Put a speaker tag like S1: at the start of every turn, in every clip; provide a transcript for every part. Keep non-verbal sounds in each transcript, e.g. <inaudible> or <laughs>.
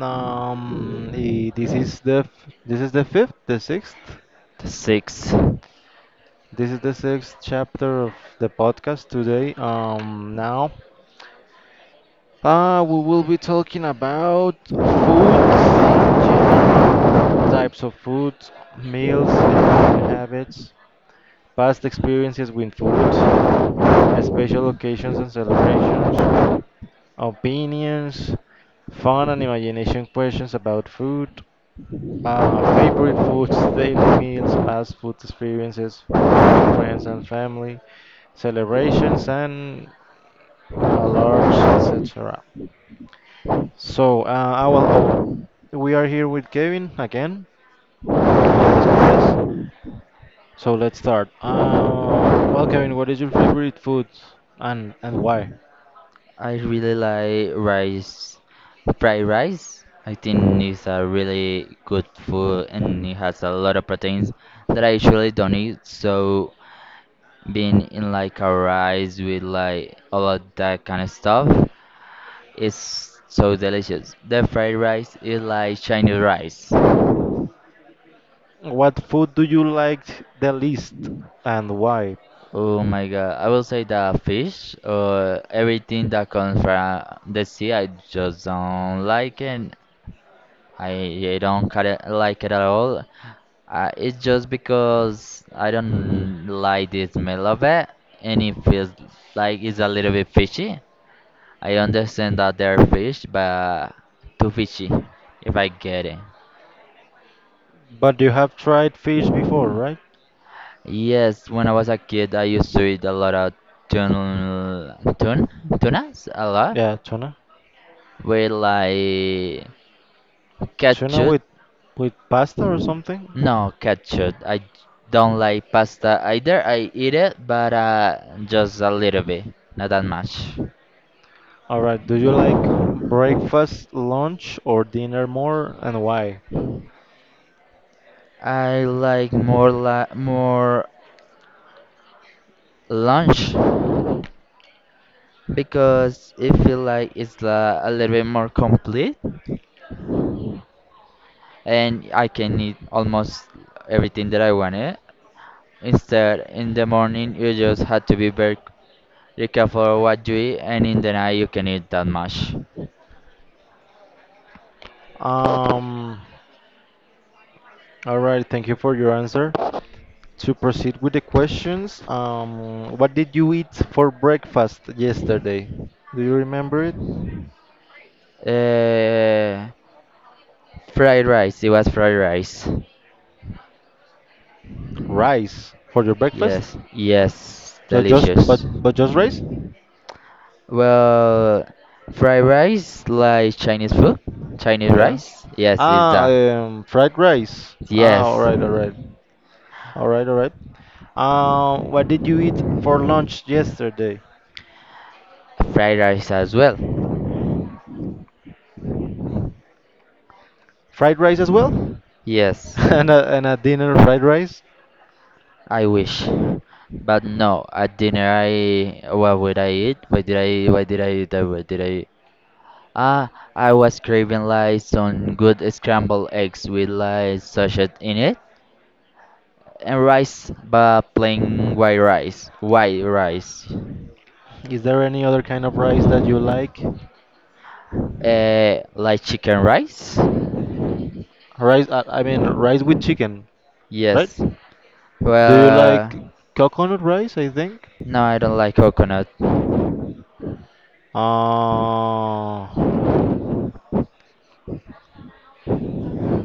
S1: This is this is the fifth, the sixth.
S2: Six.
S1: This is the sixth chapter of the podcast today. Now, we will be talking about food in general, types of food, meals and eating habits, past experiences with food, special occasions and celebrations, opinions, fun and imagination questions about food, favorite foods, <laughs> daily meals, past food experiences, food with friends and family, celebrations, and how large, etc. So, we are here with Kevin again. My name is Andres. So let's start. Kevin, what is your favorite food and why?
S2: I really like rice, fried rice. I think it's a really good food and it has a lot of proteins that I usually don't eat. So being in like a rice with like all of that kind of stuff is so delicious. The fried rice is like Chinese rice.
S1: What food do you like the least and why?
S2: Oh my god! I will say the fish or everything that comes from the sea. I just don't like it. I don't care, like it at all. It's just because I don't like the smell of it, and it feels like it's a little bit fishy. I understand that they're fish, but too fishy, if I get it.
S1: But you have tried fish before, right?
S2: Yes, when I was a kid, I used to eat a lot of tuna, tuna, tunas, a lot,
S1: Yeah, tuna.
S2: with like
S1: Tuna
S2: ketchup.
S1: with pasta or something?
S2: No, ketchup. Don't like pasta either. I eat it, but just a little bit, not that much.
S1: All right. Do you like breakfast, lunch, or dinner more, and why?
S2: I like more lunch because it feel like it's la a little bit more complete, and I can eat almost everything that I wanted. Instead, in the morning you just had to be very careful what you eat, and in the night you can eat that much.
S1: Um. All right. Thank you for your answer. To proceed with the questions, what did you eat for breakfast yesterday? Do you remember it?
S2: Uh, Fried rice. It was fried rice.
S1: Rice for your breakfast?
S2: Yes, yes,
S1: Just
S2: delicious.
S1: but just rice?
S2: Well, fried rice like Chinese food, Chinese
S1: Yeah.
S2: rice. Yes, is that.
S1: Fried rice. All
S2: Yes,
S1: right, all right. What did you eat for lunch yesterday?
S2: fried rice as well.
S1: Fried rice as well? <laughs>
S2: Yes,
S1: And a dinner fried rice?
S2: I wish, but no. At dinner, I what would I eat? What did I eat? I was craving like some good scrambled eggs with like sausage in it, and rice, but plain white rice,
S1: Is there any other kind of rice that you like?
S2: like chicken rice.
S1: Rice, I mean, rice with chicken, right?
S2: Yes.
S1: Do you like
S2: Well,
S1: coconut rice, I think?
S2: no, I don't like coconut.
S1: Uh,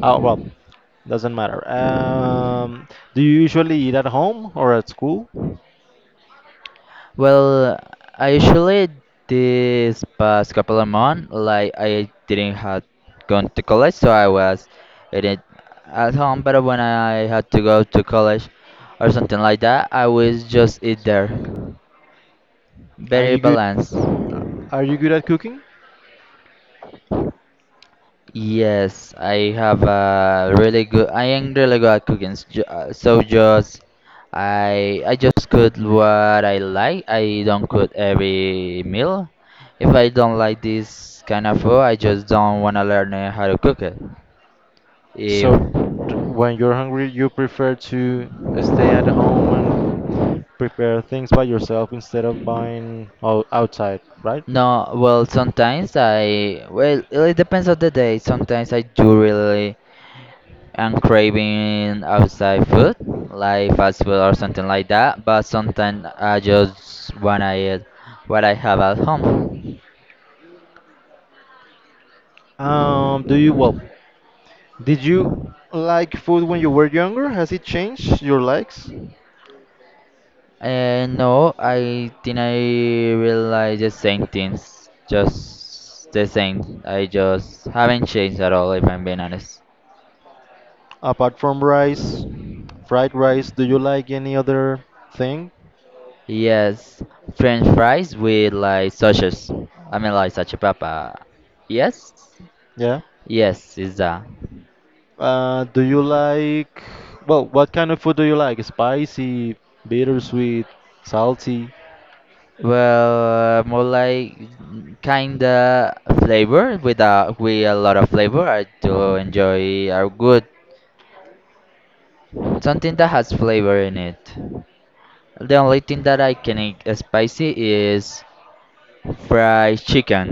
S1: oh, well, doesn't matter. Do you usually eat at home or at school?
S2: Well, I usually this past couple of months, like I didn't had gone to college, so I was eating at home. But when I had to go to college or something like that, I was just eat there.
S1: Are
S2: Very
S1: you good?
S2: balanced.
S1: Are you good at cooking?
S2: Yes, I have a really good. I am really good at cooking. So just I just cook what I like. I don't cook every meal. If I don't like this kind of food, I just don't wanna learn how to cook it. If
S1: So d when you're hungry, you prefer to stay at home and prepare things by yourself instead of buying outside, right?
S2: no, well, sometimes I well it depends on the day. Sometimes I do really and craving outside food, like fast food or something like that. But sometimes I just wanna eat what I have at home.
S1: Um, do you, well, did you like food when you were younger? Has it changed your likes?
S2: And no, I think I realize the same things, just the same. I just haven't changed at all, if I'm being honest.
S1: Apart from rice, fried rice, do you like any other thing?
S2: Yes, French fries with like sausages. I mean, like papa. Yes,
S1: Yeah.
S2: yes, is that.
S1: Do you like, well, what kind of food do you like? Spicy, bittersweet, salty?
S2: Well, more like kinda flavor with a lot of flavor. I do enjoy are good something that has flavor in it. The only thing that I can eat spicy is fried chicken.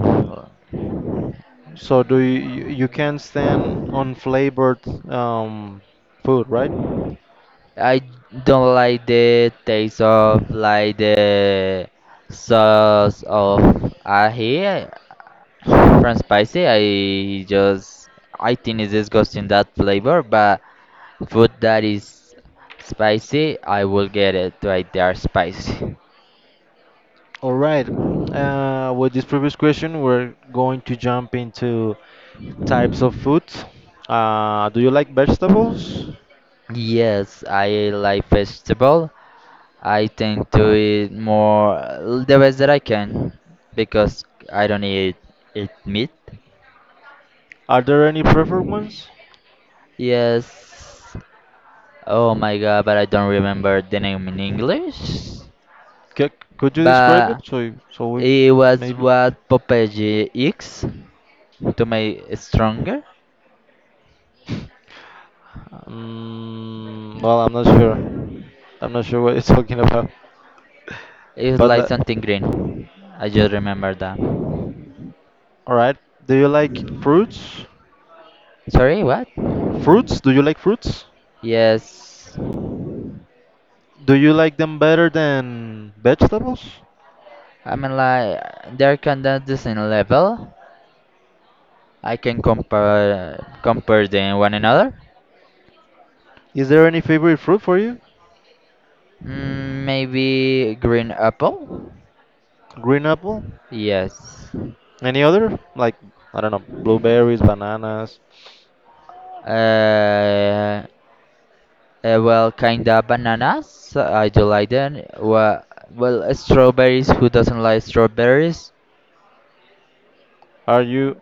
S1: So do you, you can stand on flavored um, food, right?
S2: I don't like the taste of like the sauce of ají from
S1: <laughs>
S2: spicy. I think it's disgusting that flavor, but food that is spicy, I will get it right there spicy.
S1: All right. With this previous question, we're going to jump into types of food. Do you like vegetables?
S2: Yes, I like vegetable. I tend to eat more the best that I can because I don't eat meat.
S1: Are there any preferred ones?
S2: Yes. Oh my god, but I don't remember the name in English.
S1: C could you describe it
S2: But
S1: so we
S2: it was
S1: maybe?
S2: what Popeye eats to make it stronger.
S1: Well, I'm not sure. I'm not sure what you're <laughs> talking about.
S2: It's
S1: But
S2: like
S1: le-
S2: something green. I just remember that.
S1: all right. Do you like fruits?
S2: Sorry, what?
S1: Fruits? Do you like fruits?
S2: Yes.
S1: Do you like them better than vegetables?
S2: I mean, like they're kind of the same level. I can compare them one another.
S1: Is there any favorite fruit for you?
S2: Maybe green apple.
S1: Green apple?
S2: Yes.
S1: Any other? Like, I don't know, blueberries, bananas.
S2: Uh, well, kinda bananas. I do like them. Well, strawberries. Who doesn't like strawberries?
S1: Are you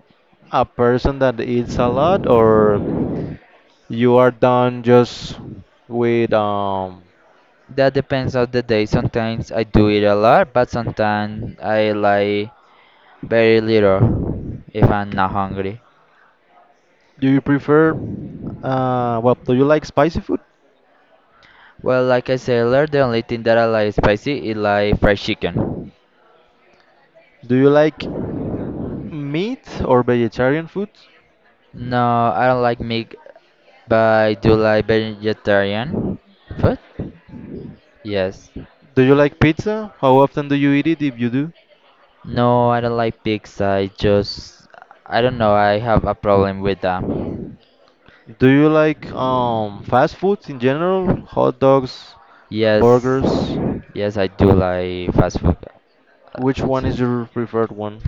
S1: a person that eats a lot or you are done just with
S2: That depends on the day. Sometimes I do eat a lot, but sometimes I like very little if I'm not hungry.
S1: do you prefer do you like spicy food?
S2: Well, like I said earlier, the only thing that I like spicy is like fried chicken.
S1: Do you like meat or vegetarian food?
S2: No, I don't like meat, but I do like vegetarian food. Yes.
S1: Do you like pizza? How often do you eat it if you do?
S2: No, I don't like pigs. I just, I don't know. I have a problem with that.
S1: Do you like fast foods in general? Hot dogs,
S2: Yes,
S1: burgers?
S2: yes, I do like fast food.
S1: Which
S2: Uh,
S1: one is your preferred one?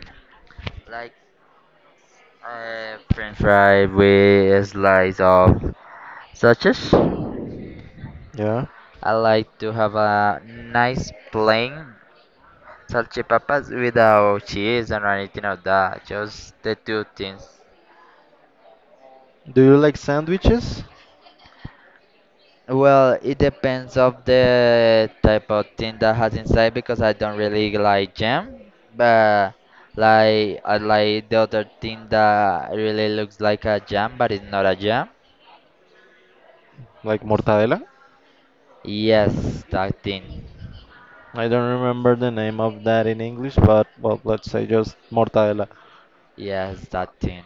S2: Like French fry with a slice of sausage.
S1: Yeah.
S2: I like to have a nice plain salchipapas without cheese or anything of that. Just the two things.
S1: Do you like sandwiches?
S2: Well, it depends of the type of thing that has inside because I don't really like jam, but like I like the other thing that really looks like a jam but it's not a jam.
S1: Like mortadela.
S2: Yes, that thing.
S1: I don't remember the name of that in English, but well, let's say just mortadela.
S2: Yes, that thing.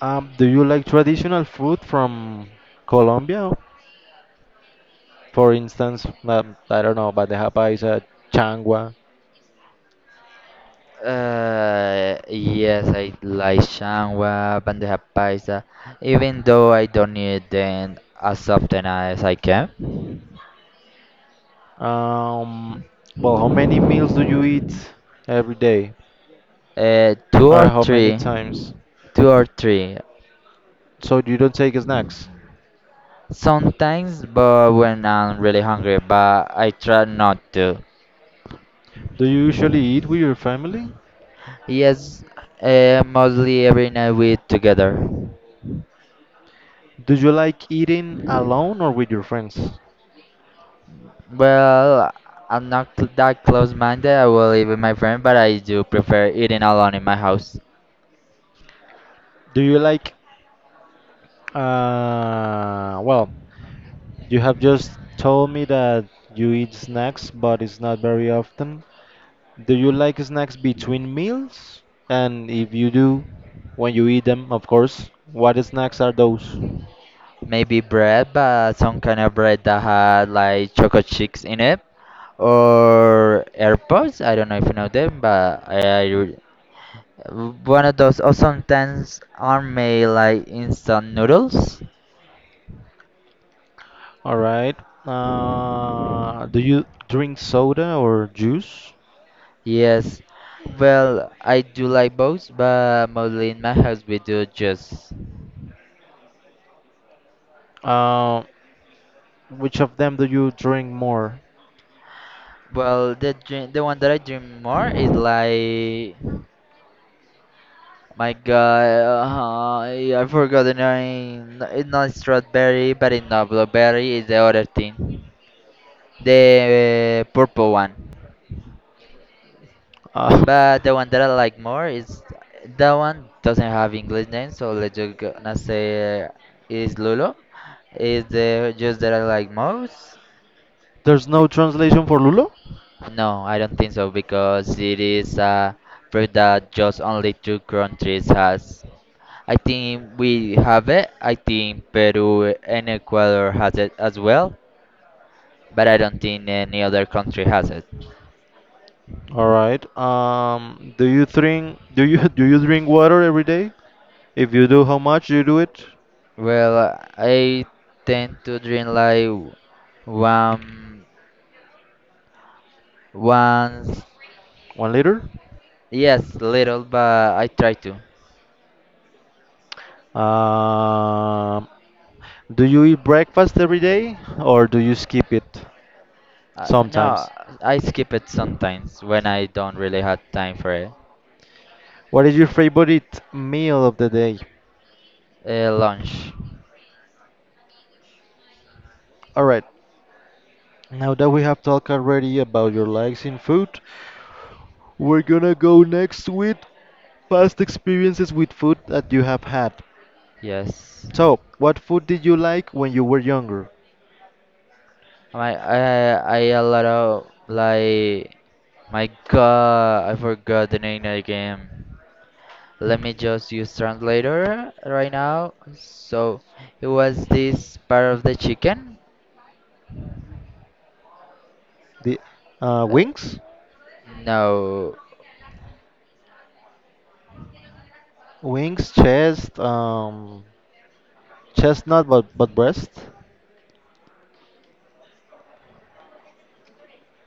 S1: Do you like traditional food from Colombia? For instance, I don't know, but the japa is a changua.
S2: Yes, I like shangwa, bandeja paisa, even though I don't eat them as often as I can.
S1: Um, how many meals do you eat every day,
S2: Uh, two
S1: or
S2: or
S1: how many
S2: three,
S1: times?
S2: two or three.
S1: So you don't take snacks.
S2: Sometimes, but when I'm really hungry, but I try not to.
S1: Do you usually eat with your family?
S2: Yes, mostly every night we eat together.
S1: Do you like eating alone or with your friends?
S2: Well, I'm not cl- that close-minded. I will live with my friend, but I do prefer eating alone in my house.
S1: Do you like, well, You have just told me that you eat snacks, but it's not very often. Do you like snacks between meals? And if you do, when you eat them, of course, what snacks are those?
S2: Maybe bread, but some kind of bread that had like chocolate chips in it, or AirPods. I don't know if you know them, but one of those. Or sometimes are made like instant noodles.
S1: All right. Do you drink soda or juice?
S2: Yes. Well, I do like both, but mostly in my house we do just.
S1: Uh, which of them do you drink more?
S2: Well, the drink, the one that I drink more is like. My God, I forgot the name. It's not strawberry, but it's not blueberry. It's the other thing, the purple one.
S1: Uh,
S2: But the one that I like more is that one doesn't have English name, so
S1: <laughs>
S2: let's just gonna say is Lulo. Is the juice that I like most?
S1: there's no translation for Lulo?
S2: No, I don't think so because it is a fruit that just only two countries has. I think we have it. I think Peru and Ecuador has it as well, but I don't think any other country has it.
S1: All right. Do you drink do you <laughs> do you drink water every day? If you do, how much do you do it?
S2: Well, I tend to drink like one once.
S1: 1 liter?
S2: Yes, little, but I try to.
S1: Um, do you eat breakfast every day or do you skip it
S2: No,
S1: sometimes?
S2: I skip it sometimes when I don't really have time for it.
S1: What is your favorite meal of the day?
S2: Lunch,
S1: All right. Now that we have talked already about your likes in food, we're gonna go next with past experiences with food that you have had.
S2: yes.
S1: So, what food did you like when you were younger?
S2: I I I a lot of like my god, I forgot the name of the game. Let me just use translator right now. So it was this part of the chicken?
S1: The
S2: Uh,
S1: wings?
S2: no,
S1: Wings, chest, chestnut, but breast,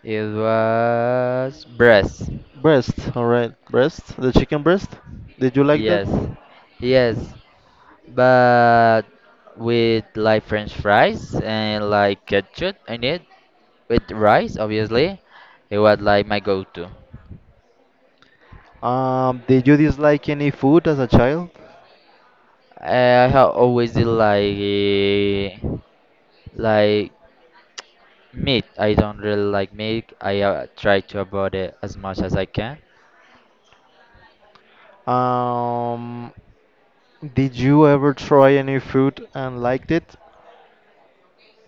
S2: it was breast.
S1: breast. All right, breast. The chicken breast. Did you like that?
S2: Yes, yes, but with like French fries and like ketchup in it with rice, obviously. It was like my go-to.
S1: Did you dislike any food as a child?
S2: I have always did like meat, I don't really like meat. I try to avoid it as much as I can.
S1: Um, did you ever try any food and liked it?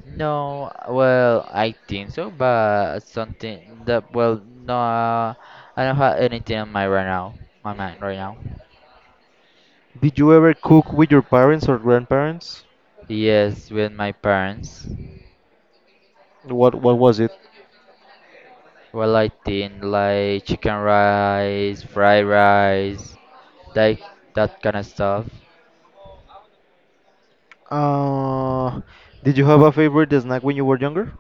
S2: No, well, I think so, but something that, well, no, I don't have anything on my right now, my mind right now.
S1: Did you ever cook with your parents or grandparents?
S2: Yes, with my parents.
S1: What was it?
S2: Well, I think like chicken rice, fried rice, like that kind of stuff.
S1: Uh, did you have a favorite snack when you were younger?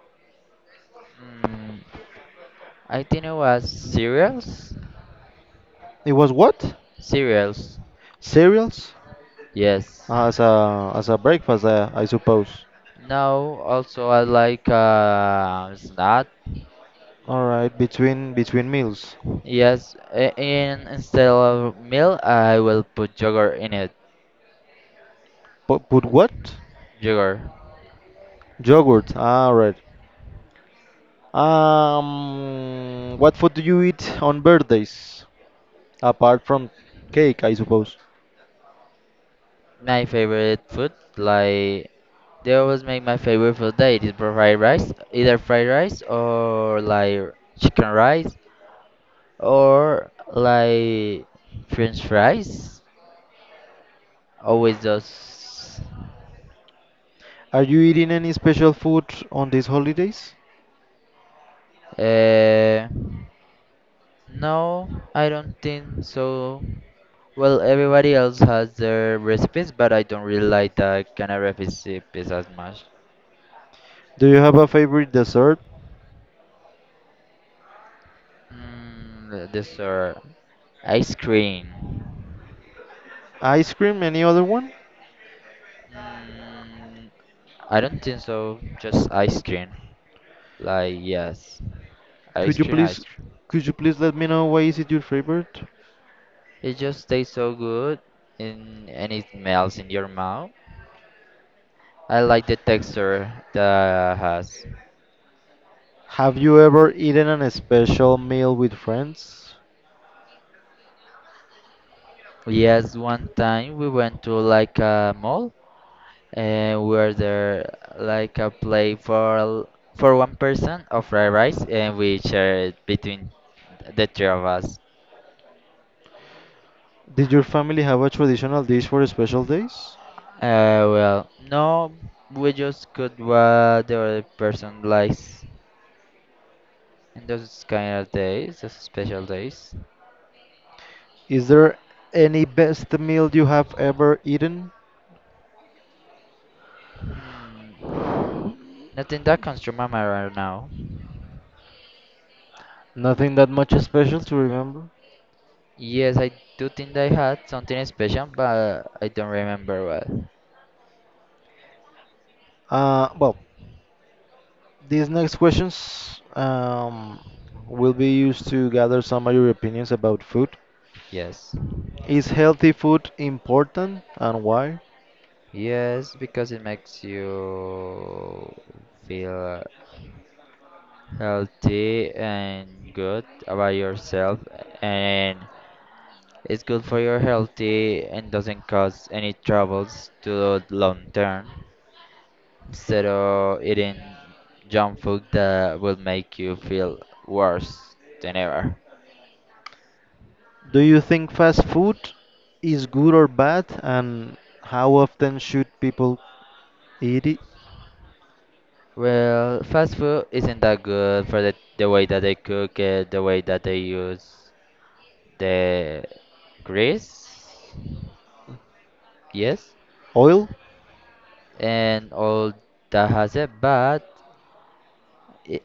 S2: Mm, I think it was cereals.
S1: It was what?
S2: Cereals,
S1: Cereals?
S2: yes.
S1: As a breakfast, I suppose.
S2: No, also I like snack.
S1: All right, between meals.
S2: Yes, in instead of milk, I will put yogurt in it.
S1: But what?
S2: Yogurt.
S1: Yogurt. All right. What food do you eat on birthdays apart from cake, I suppose?
S2: My favorite food, like they always make my favorite food that it is for fried rice, either fried rice or like chicken rice or like French fries. Always those.
S1: Are you eating any special food on these holidays?
S2: Uh, No, I don't think so. Well, everybody else has their recipes, but I don't really like that kind of recipes as much.
S1: Do you have a favorite dessert?
S2: Dessert, ice cream.
S1: Ice cream? Any other one?
S2: Mm, I don't think so. Just ice cream. Like yes, ice
S1: Could you
S2: cream,
S1: please
S2: ice cream.
S1: could you please let me know why is it your favorite?
S2: It just tastes so good, and it melts in your mouth. I like the texture that it has.
S1: Have you ever eaten an special meal with friends?
S2: Yes, one time we went to like a mall and we were there like a play for for one person of fried rice and we shared it between the three of us.
S1: Did your family have a traditional dish for special days?
S2: Well, no, we just could what the other person likes in those kind of days, those special days.
S1: Is there any best meal you have ever eaten?
S2: Hmm, Nothing that comes to my mind right now.
S1: Nothing that much special to remember.
S2: Yes, I do think I had something special, but I don't remember well.
S1: Uh, well, these next questions will be used to gather some of your opinions about food.
S2: Yes.
S1: Is healthy food important and why?
S2: Yes, because it makes you feel healthy and good about yourself, and it's good for your healthy and doesn't cause any troubles to the long term. Instead of eating junk food that will make you feel worse than ever.
S1: Do you think fast food is good or bad and how often should people eat it?
S2: Well, fast food isn't that good for the way that they cook it, the way that they use the grease. Yes,
S1: Oil?
S2: and all that has it, but i-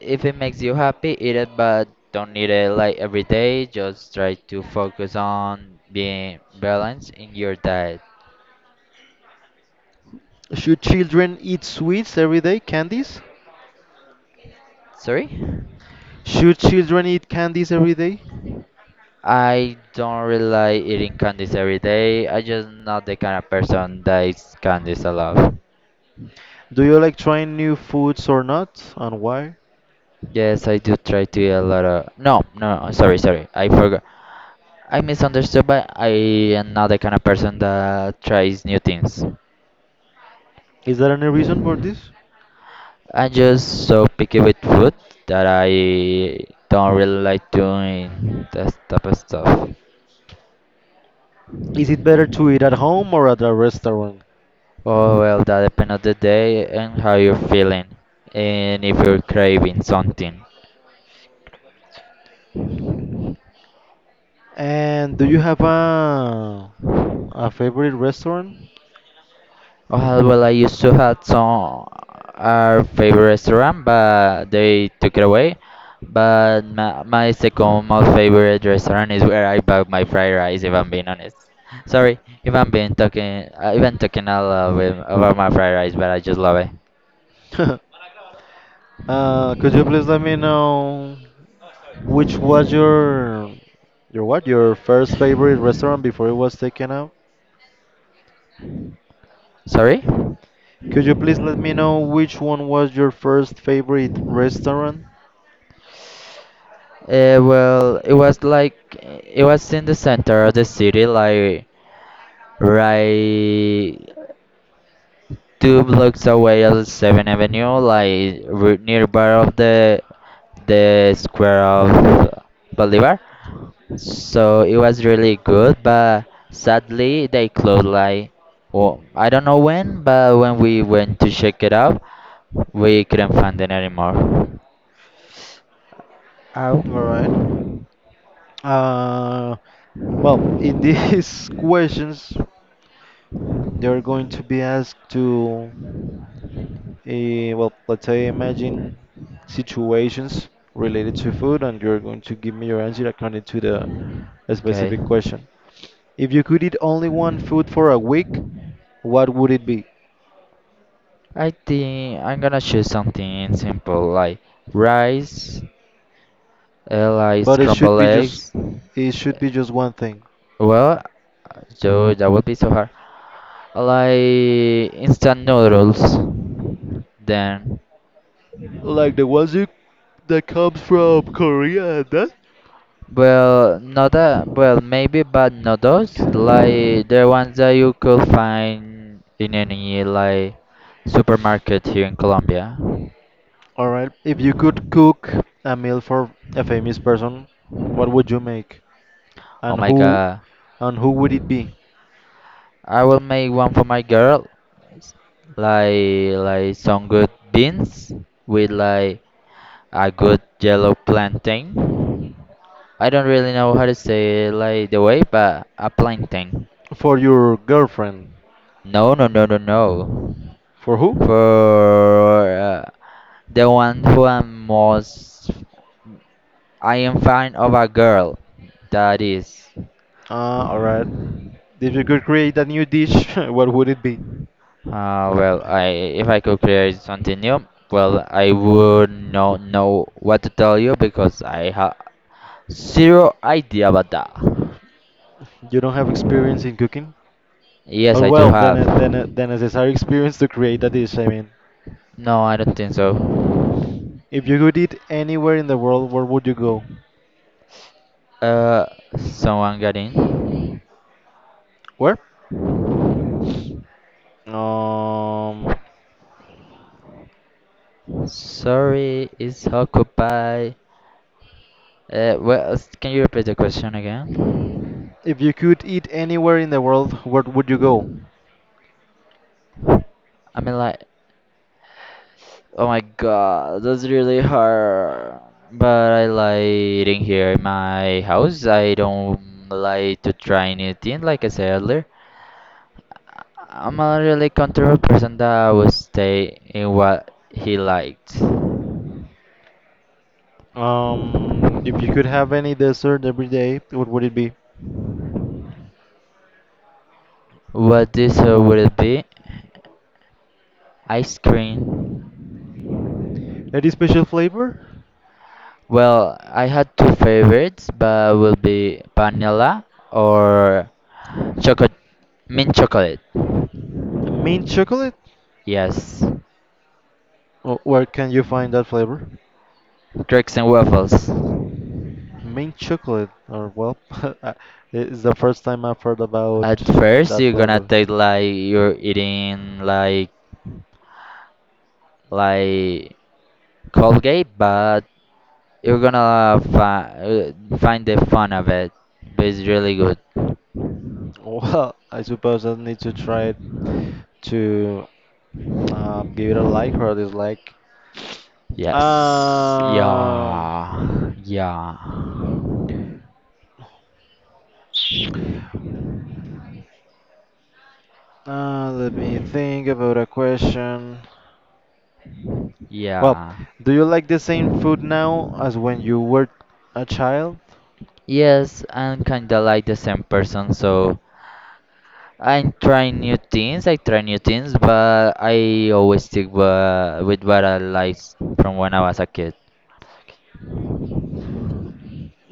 S2: if it makes you happy, eat it, but don't eat it like every day. Just try to focus on being balanced in your diet.
S1: Should children eat sweets every day, candies?
S2: Sorry?
S1: Should children eat candies every day?
S2: I don't really like eating candies every day. I just not the kind of person that eats candies a lot.
S1: Do you like trying new foods or not? And why?
S2: Yes, I do try to eat a lot of. No, no, no, sorry, sorry. I forgot. I misunderstood, but I am not the kind of person that tries new things.
S1: Is there any reason for this?
S2: I'm just so picky with food that I don't really like doing that type of stuff.
S1: Is it better to eat at home or at a restaurant?
S2: Oh well, that depends on the day and how you're feeling, and if you're craving something.
S1: And do you have a favorite restaurant?
S2: Oh well, I used to have some our favorite restaurant, but they took it away. But my second most favorite restaurant is where I buy my fried rice. If I'm being honest, sorry if I'm being talking, I've been talking a lot about my fried rice, but I just love it.
S1: <laughs> Could you please let me know which was your what? Your first favorite restaurant before it was taken out?
S2: Sorry?
S1: Could you please let me know which one was your first favorite restaurant?
S2: Well, it was in the center of the city, like right two blocks away of Seventh Avenue, like nearby of the square of Bolivar. So it was really good, but sadly they closed. Like, well, I don't know when, but when we went to check it out, we couldn't find it anymore.
S1: All right.
S2: Oh,
S1: Uh, well, in these <laughs> questions, they're going to be asked to, let's say, imagine situations related to food, and you're going to give me your answer according to the
S2: okay.
S1: specific question. If you could eat only one food for a week, what would it be?
S2: I think I'm gonna choose something simple like rice, like
S1: But it should
S2: scrambled
S1: be just,
S2: eggs.
S1: it should be just one thing.
S2: Well, so that would be so hard. Like instant noodles. Then,
S1: Like the ones you, that comes from Korea, and that?
S2: well, not that. Well, maybe, but not those. Like the ones that you could find in any like supermarket here in Colombia.
S1: All right. If you could cook a meal for a famous person, what would you make?
S2: Oh
S1: And
S2: my
S1: who
S2: God!
S1: And who would it be?
S2: I will make one for my girl like some good beans with like a good yellow plantain. I don't really know how to say it, like the way, but a plantain.
S1: For your girlfriend.
S2: No, no, no, no, no.
S1: For who?
S2: For the one who I'm most, I am fan of a girl. That is,
S1: Ah, alright. If you could create a new dish, <laughs> what would it be?
S2: well, I if I could create something new, well, I would not know what to tell you because I ha zero idea about that.
S1: You don't have experience in cooking?
S2: Yes,
S1: Oh,
S2: I do
S1: well,
S2: have.
S1: then a necessary experience to create a dish, I mean.
S2: No, I don't think so.
S1: If you could eat anywhere in the world, where would you go?
S2: Uh, someone got in.
S1: Where? Um,
S2: Sorry, it's occupied. Well, can you repeat the question again?
S1: if you could eat anywhere in the world, where would you go?
S2: I mean, like, oh my god, that's really hard. But I like eating here in my house. I don't like to try anything, like I said earlier. I'm a really controlled person that would stay in what he liked.
S1: If you could have any dessert every day, what would it be?
S2: What dessert would it be? Ice cream.
S1: Any special flavor?
S2: Well, I had two favorites, but would be vanilla or chocolate, mint chocolate.
S1: A mint chocolate?
S2: Yes,
S1: Or where can you find that flavor?
S2: cakes and waffles.
S1: Mint chocolate, or well, <laughs> I- it's the first time I've heard about
S2: At first,
S1: that
S2: you're gonna
S1: flavor.
S2: taste like you're eating like Colgate, but you're gonna find the fun of it, but it's really good.
S1: Well, I suppose I need to try it to give it a like or a dislike.
S2: Yes.
S1: Um,
S2: Yeah. Yeah.
S1: let me think about a question. Well,
S2: Yeah.
S1: do you like the same food now as when you were a child?
S2: Yes, I'm kinda like the same person, so I'm trying new things. I try new things, but I always stick with what I liked from when I was a kid.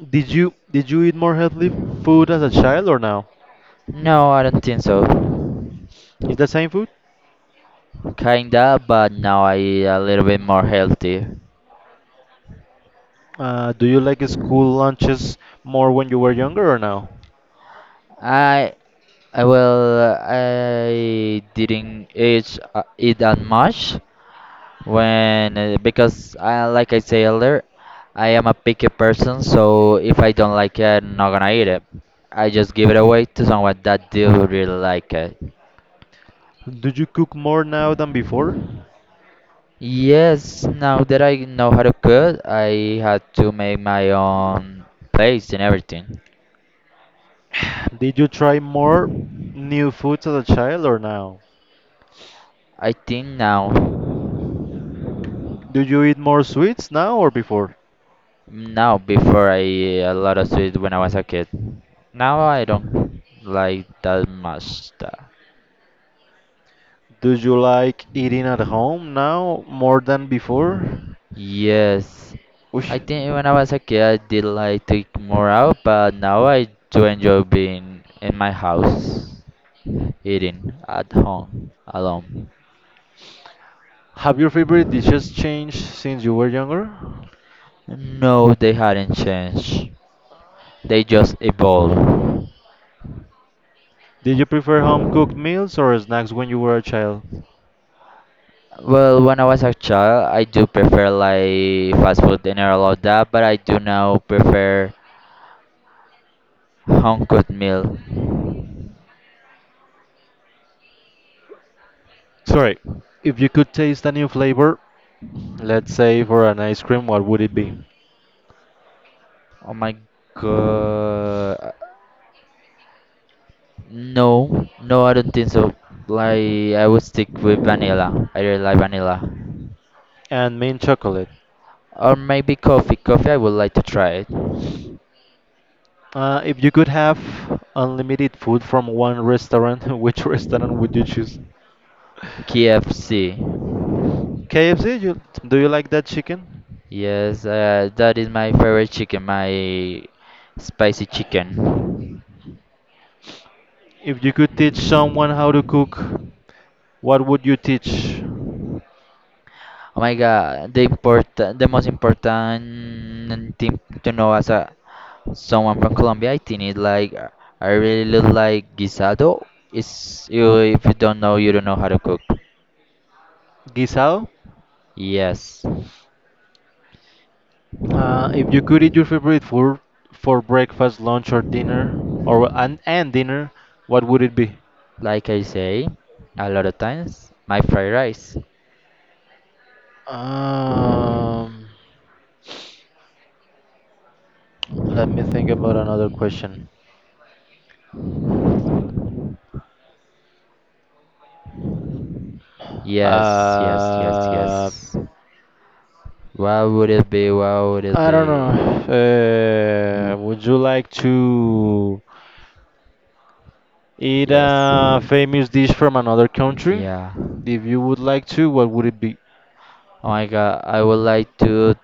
S1: Did you eat more healthy food as a child or now?
S2: No, I don't think so.
S1: Is the same food?
S2: Kinda, but now I a little bit more healthy.
S1: Do you like school lunches more when you were younger or now?
S2: I I well I didn't eat eat that much when because I like I say earlier I am a picky person so if I don't like it I'm not gonna eat it. I just give it away to someone that do really like it.
S1: Do you cook more now than before?
S2: Yes, now that I know how to cook I had to make my own plates and everything
S1: <sighs> Did you try more new foods as a child or now?
S2: I think now.
S1: Do you eat more sweets now or before?
S2: No, before I ate a lot of sweets when I was a kid. Now I don't like that much.
S1: Do you like eating at home now more than before?
S2: Yes, I
S1: Ush.
S2: think when I was a kid I did like to eat more out, but now I do enjoy being in my house, eating at home alone.
S1: Have your favorite dishes changed since you were younger?
S2: No, they hadn't changed. They just evolved.
S1: Did you prefer home cooked meals or snacks when you were a child?
S2: Well, when I was a child, I do prefer like fast food and all of that, but I do now prefer. Hong Kong meal.
S1: Sorry, if you could taste a new flavor, let's say for an ice cream, what would it be?
S2: Oh my god. No, no, I don't think so. Like, I would stick with vanilla. I really like vanilla.
S1: And mint chocolate.
S2: Or maybe coffee. Coffee, I would like to try it.
S1: If you could have unlimited food from one restaurant, <laughs> which restaurant would you choose?
S2: KFC.
S1: KFC, you, do you like that chicken?
S2: Yes, that is my favorite chicken, my spicy chicken.
S1: If you could teach someone how to cook, what would you teach?
S2: Oh my god, the important, the most important thing to know as a someone from Colombia, I think it like I really look like guisado. It's you if you don't know, you don't know how to cook.
S1: Guisado?
S2: Yes,
S1: If you could eat your favorite food for breakfast, lunch, or dinner, or and dinner, what would it be?
S2: like I say, a lot of times my fried rice.
S1: Um, let me think about another question.
S2: Yes, yes, yes,
S1: Uh,
S2: yes. What would it be? What would it
S1: I don't
S2: be?
S1: know. Would you like to eat
S2: Yes.
S1: a famous dish from another country?
S2: Yeah.
S1: If you would like to, what would it be?
S2: Oh my God, I would like to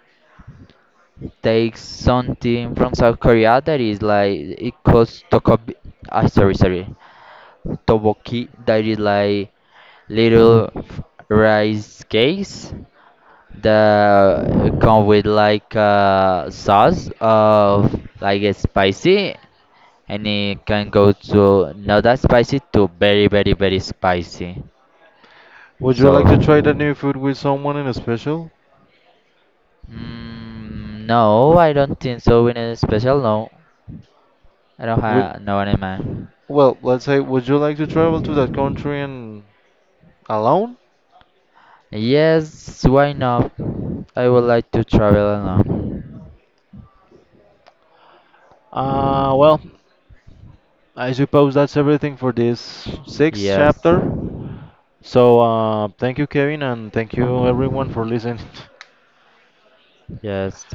S2: take something from South Korea that is like it calls tokobi. Ah, sorry, sorry. Toboki. That is like little rice cakes that come with like a sauce of like a spicy and it can go to not that spicy to very very very spicy
S1: Would you
S2: so
S1: like to try that new food with someone in a special?
S2: no I don't think so in a special no I don't
S1: Would,
S2: have no one in mind
S1: let's say, would you like to travel to that country and alone?
S2: yes why not I would like to travel alone
S1: Uh, well, I suppose that's everything for this sixth
S2: yes
S1: chapter. So, thank you, Kevin, and thank you everyone for listening. <laughs>
S2: yes